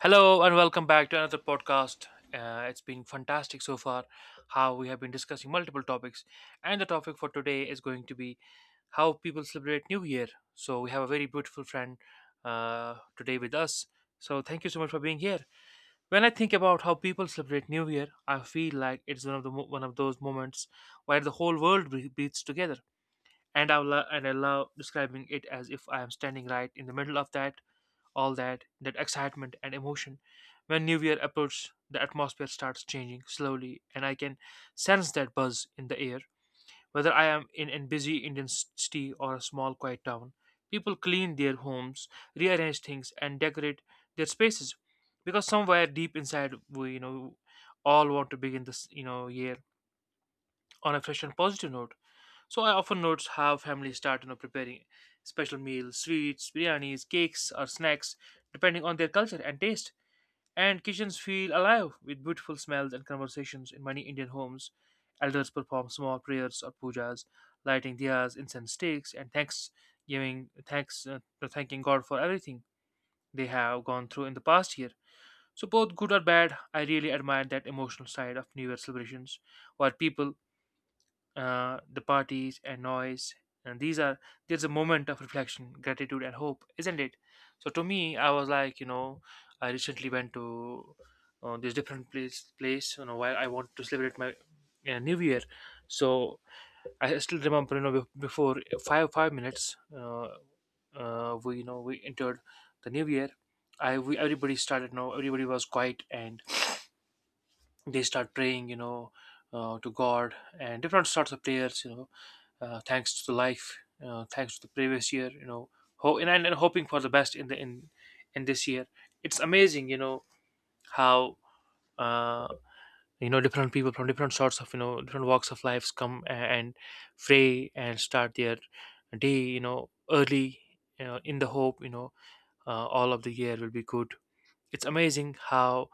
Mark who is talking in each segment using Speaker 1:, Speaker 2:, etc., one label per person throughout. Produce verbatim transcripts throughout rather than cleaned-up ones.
Speaker 1: Hello and welcome back to another podcast. Uh, it's been fantastic so far, how we have been discussing multiple topics, and the topic for today is going to be how people celebrate New Year. So, we have a very beautiful friend uh, today with us. So, thank you so much for being here. When I think about how people celebrate New Year, I feel like it's one of the mo- one of those moments where the whole world bre- breathes together. And I, lo- and I love describing it as if I am standing right in the middle of that, all that that excitement and emotion. When new year approaches, the atmosphere starts changing slowly, and I can sense that buzz in the air, whether I am in a busy Indian city or a small quiet town. People clean their homes, rearrange things, and decorate their spaces, because somewhere deep inside we you know all want to begin this you know year on a fresh and positive note. So I often notice how families start you know, preparing special meals, sweets, biryanis, cakes, or snacks, depending on their culture and taste. And kitchens feel alive with beautiful smells and conversations in many Indian homes. Elders perform small prayers or pujas, lighting diyas, incense sticks, and thanks giving thanks uh, thanking God for everything they have gone through in the past year. So both good or bad, I really admire that emotional side of New Year celebrations, where people, uh, the parties and noise, and these are there's a moment of reflection, gratitude, and hope, isn't it? So to me, I was like, you know I recently went to uh, this different place place you know, while I want to celebrate my uh, new year. So I still remember, you know, bef- before five five minutes, uh, uh, we, you know we entered the new year. I we, everybody started, you know everybody was quiet, and they start praying, you know, uh, to God. And different sorts of prayers, you know, uh, thanks to the life, uh, thanks to the previous year, you know, ho- and, and hoping for the best in the in in this year. It's amazing, you know, how uh, you know, different people from different sorts of, you know, different walks of lives come a- and pray and start their day, you know, early, you know, in the hope, you know, uh, all of the year will be good. It's amazing how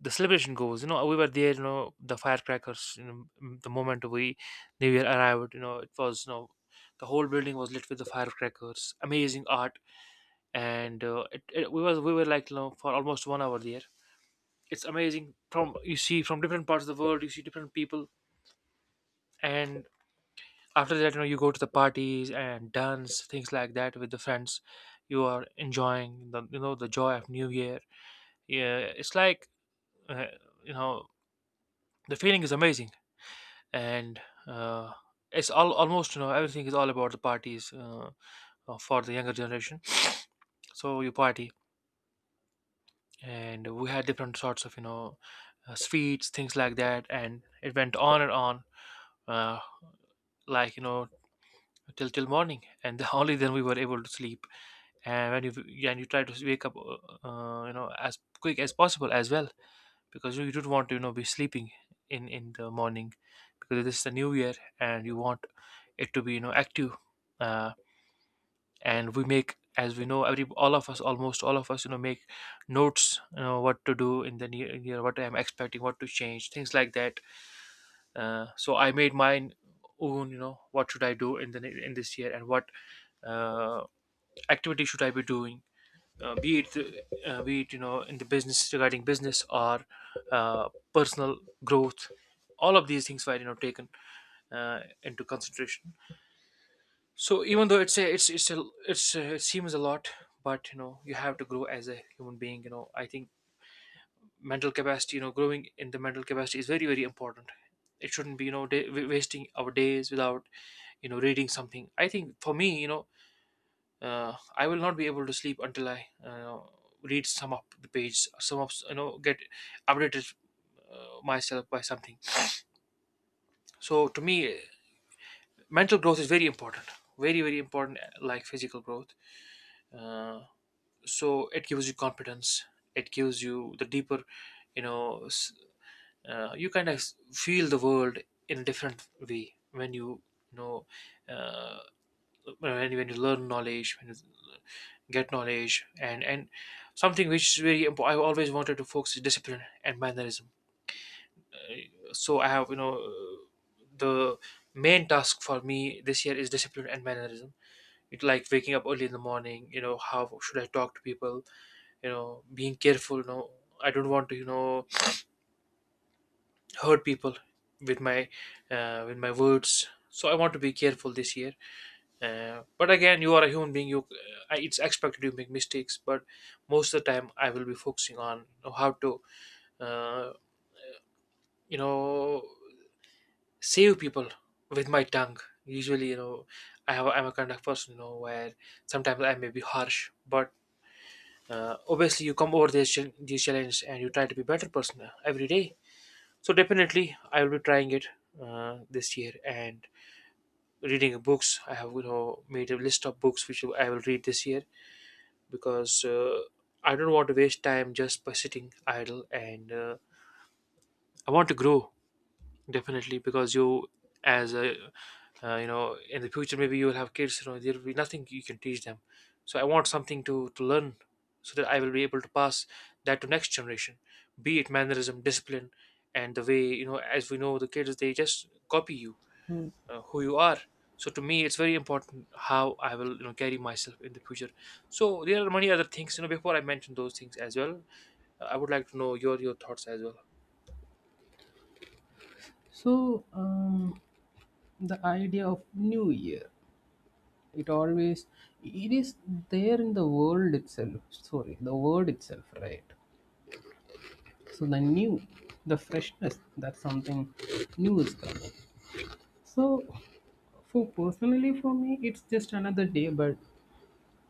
Speaker 1: the celebration goes. You know, we were there, you know, the firecrackers, you know, m- the moment we new year arrived, you know, it was, you know, the whole building was lit with the firecrackers. Amazing art. And uh, it, it, we was we were like, you know, for almost one hour there. It's amazing, from, you see, from different parts of the world, you see different people. And after that, you know, you go to the parties and dance, things like that, with the friends. You are enjoying the, you know, the joy of new year. Yeah, it's like, uh, you know, the feeling is amazing. And uh, it's all almost, you know, everything is all about the parties, uh, uh, for the younger generation. So you party, and we had different sorts of, you know, uh, sweets, things like that, and it went on and on, uh, like, you know, till till morning, and only then we were able to sleep. And when you and you try to wake up, uh, uh, you know, as quick as possible as well, because you don't want to, you know, be sleeping in in the morning, because this is the new year, and you want it to be, you know, active. uh, and we make, as we know, every, all of us, almost all of us, you know, make notes, you know, what to do in the near, near, what I'm expecting, what to change, things like that. Uh, so I made mine own, you know, what should I do in the ne- in this year, and what uh, activity should I be doing, uh, be it uh, be it, you know, in the business, regarding business, or uh, personal growth. All of these things were, you know, taken uh, into consideration. So, even though it's a, it's it's a, it's a, it seems a lot, but you know, you have to grow as a human being. You know, I think mental capacity, you know, growing in the mental capacity, is very very important. It shouldn't be, you know, day, wa- wasting our days without, you know, reading something. I think for me, you know, uh, I will not be able to sleep until I uh, read some up the page, some up, you know, get updated uh, myself by something. So to me, mental growth is very important, very very important, like physical growth. Uh, so it gives you confidence, it gives you the deeper, you know s- uh, you kind of feel the world in a different way, when you you know, uh, uh, when, when you learn knowledge, when you get knowledge. And and something which is very important, I always wanted to focus, is discipline and mannerism. Uh, so I have, you know, uh, the main task for me this year is discipline and mannerism. It, like waking up early in the morning, you know, how should I talk to people, you know, being careful, you know, I don't want to, you know, hurt people with my, uh, with my words. So I want to be careful this year, uh, but again, you are a human being, you, uh, it's expected you make mistakes, but most of the time I will be focusing on, you know, how to, uh, you know, save people with my tongue. Usually, you know, I have, I'm a kind of person, you know, where sometimes I may be harsh, but uh, obviously you come over these chal- these challenges, and you try to be better person uh, every day. So definitely I will be trying it uh, this year. And reading books, I have, you know, made a list of books which I will read this year, because uh, I don't want to waste time just by sitting idle. And uh, I want to grow, definitely, because you, as a, uh, you know, in the future maybe you will have kids, you know, there will be nothing you can teach them. So I want something to to learn, so that I will be able to pass that to next generation, be it mannerism, discipline, and the way, you know, as we know, the kids, they just copy you, uh, who you are. So to me, it's very important how I will, you know, carry myself in the future. So there are many other things, you know, before I mention those things as well, uh, I would like to know your your thoughts as well.
Speaker 2: So um, the idea of New Year, it always it is there in the world itself. Sorry, the word itself, right? So the new, the freshness that something new is coming. So for personally for me, it's just another day, but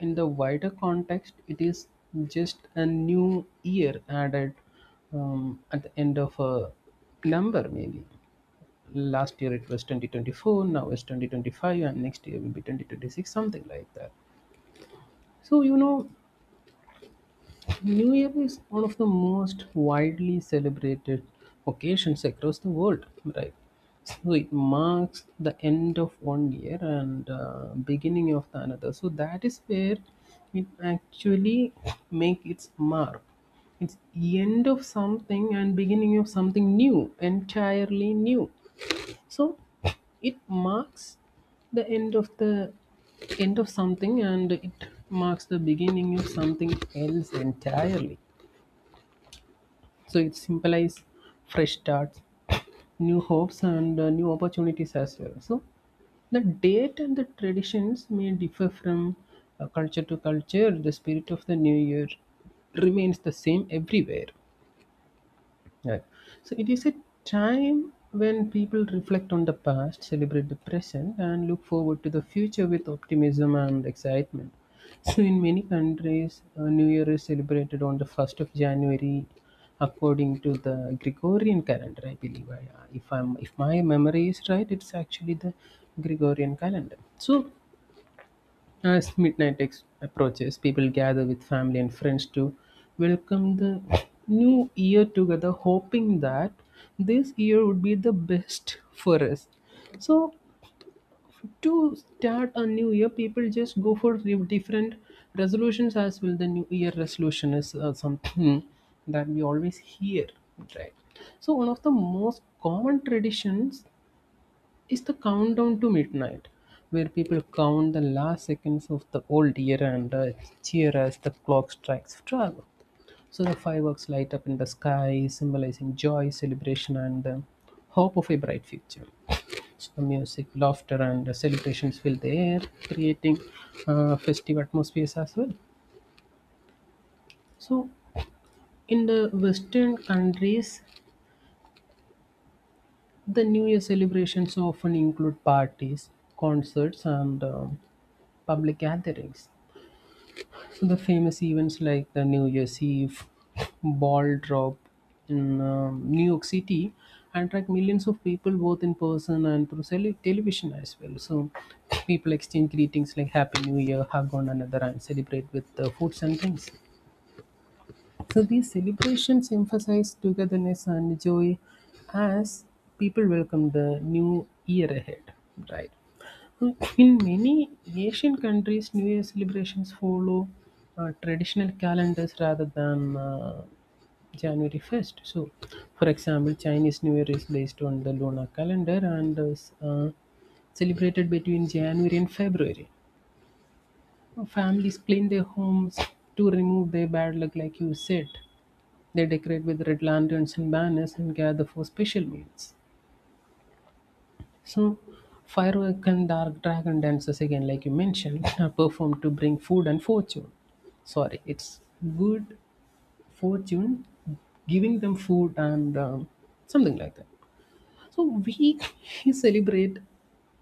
Speaker 2: in the wider context, it is just a new year added um, at the end of a number maybe. Last year it was twenty twenty-four, now it's twenty twenty-five, and next year will be twenty twenty-six, something like that. So you know, new year is one of the most widely celebrated occasions across the world, right? So it marks the end of one year and uh, beginning of the another. So that is where it actually make its mark. It's the end of something and beginning of something new, entirely new. So it marks the end of the end of something, and it marks the beginning of something else entirely. So it symbolizes fresh starts, new hopes, and uh, new opportunities as well. So the date and the traditions may differ from uh, culture to culture. The spirit of the new year remains the same everywhere, right. So it is a time when people reflect on the past, celebrate the present, and look forward to the future with optimism and excitement. So in many countries, uh, New Year is celebrated on the first of January according to the Gregorian calendar, I believe. I, if I'm if my memory is right, it's actually the Gregorian calendar. So as midnight ex- approaches, people gather with family and friends to welcome the new year together, hoping that this year would be the best for us. So, to start a new year, people just go for re- different resolutions as well. The new year resolution is uh, something that we always hear, right? So, one of the most common traditions is the countdown to midnight, where people count the last seconds of the old year and uh, cheer as the clock strikes twelve. So the fireworks light up in the sky, symbolizing joy, celebration, and uh, hope of a bright future. So the music, laughter, and uh, celebrations fill the air, creating uh, festive atmospheres as well. So, in the Western countries, the New Year celebrations often include parties, concerts, and um, public gatherings. So the famous events like the New Year's Eve ball drop in um, New York City attract millions of people both in person and through tele- television as well. So people exchange greetings like Happy New Year, hug one another, and celebrate with uh, foods and drinks. So these celebrations emphasize togetherness and joy as people welcome the new year ahead, right? In many Asian countries, New Year celebrations follow uh, traditional calendars rather than uh, January first. So, for example, Chinese New Year is based on the lunar calendar and is uh, celebrated between January and February. Uh, Families clean their homes to remove their bad luck, like you said. They decorate with red lanterns and banners and gather for special meals. So, firework and dark dragon dances again, like you mentioned, are performed to bring food and fortune. Sorry, it's good fortune, giving them food and um, something like that. So we celebrate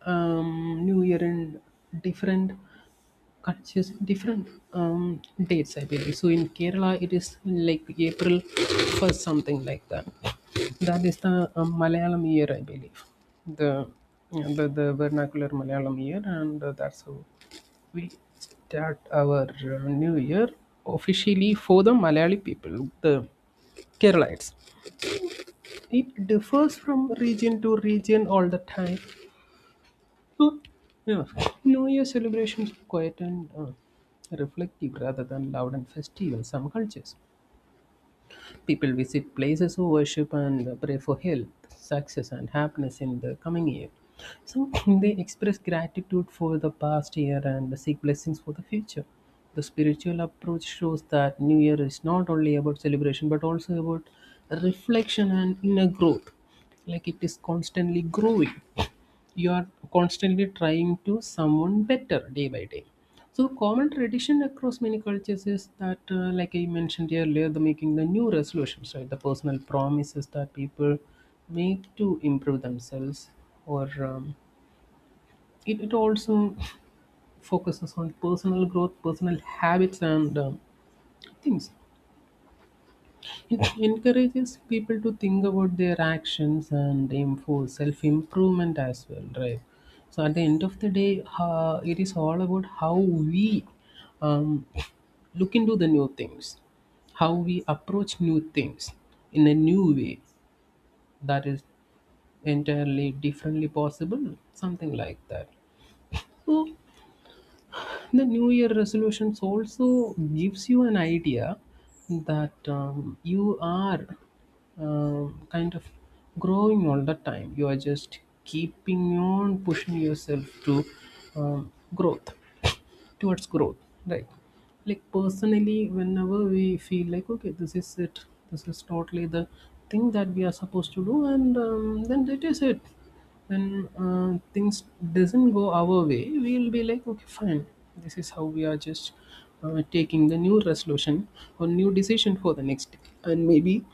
Speaker 2: um, New Year in different cuts using different um, dates, I believe. So in Kerala, it is like April first, something like that. That is the um, Malayalam year, I believe. The, yeah, the the vernacular Malayalam year, and uh, that's how we start our uh, new year officially for the Malayali people, the Keralites. It differs from region to region all the time, so, yeah, New Year celebrations are quiet and uh, reflective rather than loud and festive in some cultures. People visit places of worship and pray for health, success, and happiness in the coming year. So, they express gratitude for the past year and seek blessings for the future. The spiritual approach shows that New Year is not only about celebration but also about reflection and inner growth. Like it is constantly growing, you are constantly trying to someone better day by day. So common tradition across many cultures is that uh, like I mentioned earlier, the making the new resolutions, right? The personal promises that people make to improve themselves, or um, it, it also focuses on personal growth, personal habits, and um, things. It encourages people to think about their actions and aim for self improvement as well, right? So at the end of the day, uh, it is all about how we um, look into the new things, how we approach new things in a new way that is entirely differently possible, something like that. So the new year resolutions also gives you an idea that um, you are um kind of growing all the time. You are just keeping on pushing yourself to um, growth, towards growth, right? Like personally whenever we feel like okay, this is it, this is totally the thing that we are supposed to do, and um, then that is it. When uh, things doesn't go our way, we'll be like okay fine, this is how we are just uh, taking the new resolution or new decision for the next day, and maybe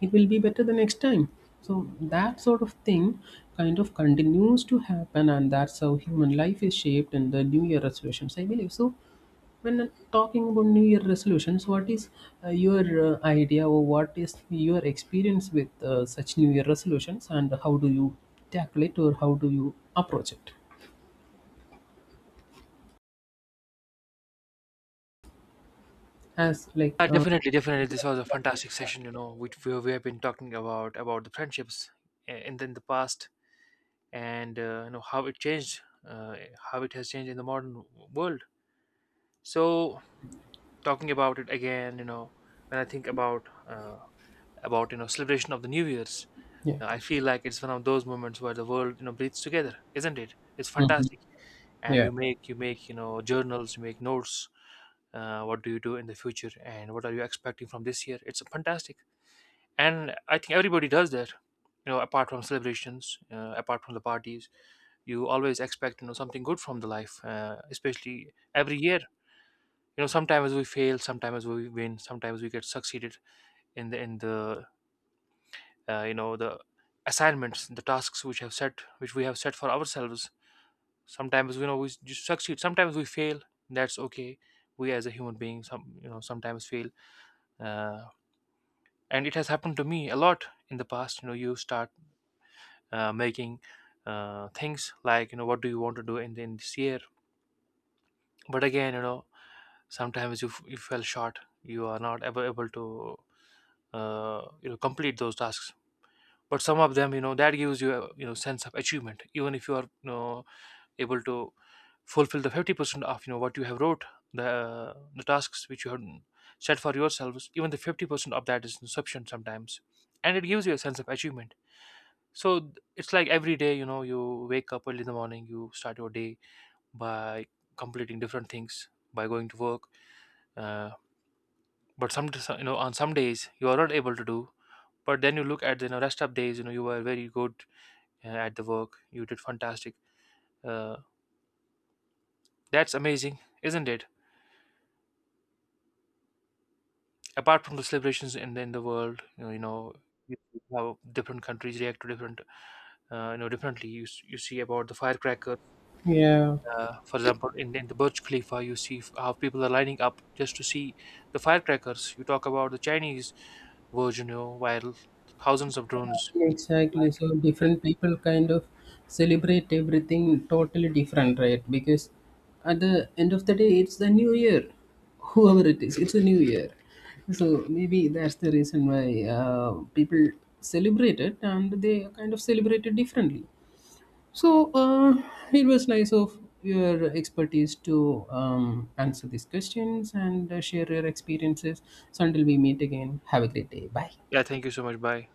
Speaker 2: it will be better the next time. So that sort of thing kind of continues to happen, and that's how human life is shaped in the new year resolutions, I believe. So when talking about new year resolutions, what is uh, your uh, idea, or what is your experience with uh, such new year resolutions, and how do you tackle it, or how do you approach it as like
Speaker 1: Yeah,
Speaker 2: uh,
Speaker 1: definitely, definitely. This was a fantastic session. You know, we we, we have been talking about about the friendships uh, in the, in the past, and uh, you know how it changed, uh, how it has changed in the modern world. So, talking about it again, you know, when I think about, uh, about, you know, celebration of the New Year's,
Speaker 2: yeah,
Speaker 1: uh, I feel like it's one of those moments where the world, you know, breathes together, isn't it? It's fantastic, and
Speaker 2: yeah,
Speaker 1: you make you make, you know, journals, you make notes. Uh, what do you do in the future, and what are you expecting from this year? It's fantastic. And I think everybody does that, you know, apart from celebrations, uh, apart from the parties. You always expect, you know, something good from the life, uh, especially every year. You know, sometimes we fail, sometimes we win, sometimes we get succeeded in the in the uh, you know, the assignments, the tasks which have set, which we have set for ourselves. Sometimes, you know, we just succeed, sometimes we fail. That's okay. We, as a human being, some, you know, sometimes fail, uh, and it has happened to me a lot in the past. You know, you start uh, making, uh, things like, you know, what do you want to do in, in this year. But again, you know, sometimes you, f- you fell short, you are not ever able to, uh, you know, complete those tasks. But some of them, you know, that gives you a, you know, sense of achievement, even if you are, you know, able to fulfill the fifty percent of, you know, what you have wrote, the the tasks which you have set for yourselves. Even the fifty percent of that is inception sometimes, and it gives you a sense of achievement. So th- it's like every day, you know, you wake up early in the morning, you start your day by completing different things, by going to work, uh, but some so- you know, on some days you are not able to do. But then you look at the, you know, rest of days, you know, you were very good uh, at the work, you did fantastic. uh, that's amazing, isn't it? Apart from the celebrations in, in the world, you know, you know, you see how different countries react to different, uh, you know, differently. You, s- you see about the firecrackers.
Speaker 2: yeah.
Speaker 1: Uh, for example, in, in the Burj Khalifa, you see, f- how people are lining up just to see the firecrackers. You talk about the Chinese version, you know, while thousands of drones. fly-
Speaker 2: Exactly. So different people kind of celebrate everything totally different, right? Because at the end of the day, it's the new year. Whoever it is, it's a new year. So maybe that's the reason why uh, people celebrate it, and they kind of celebrate it differently. So uh, it was nice of your expertise to um, answer these questions and uh, share your experiences. So until we meet again, have a great day. Bye.
Speaker 1: Yeah, thank you so much. Bye.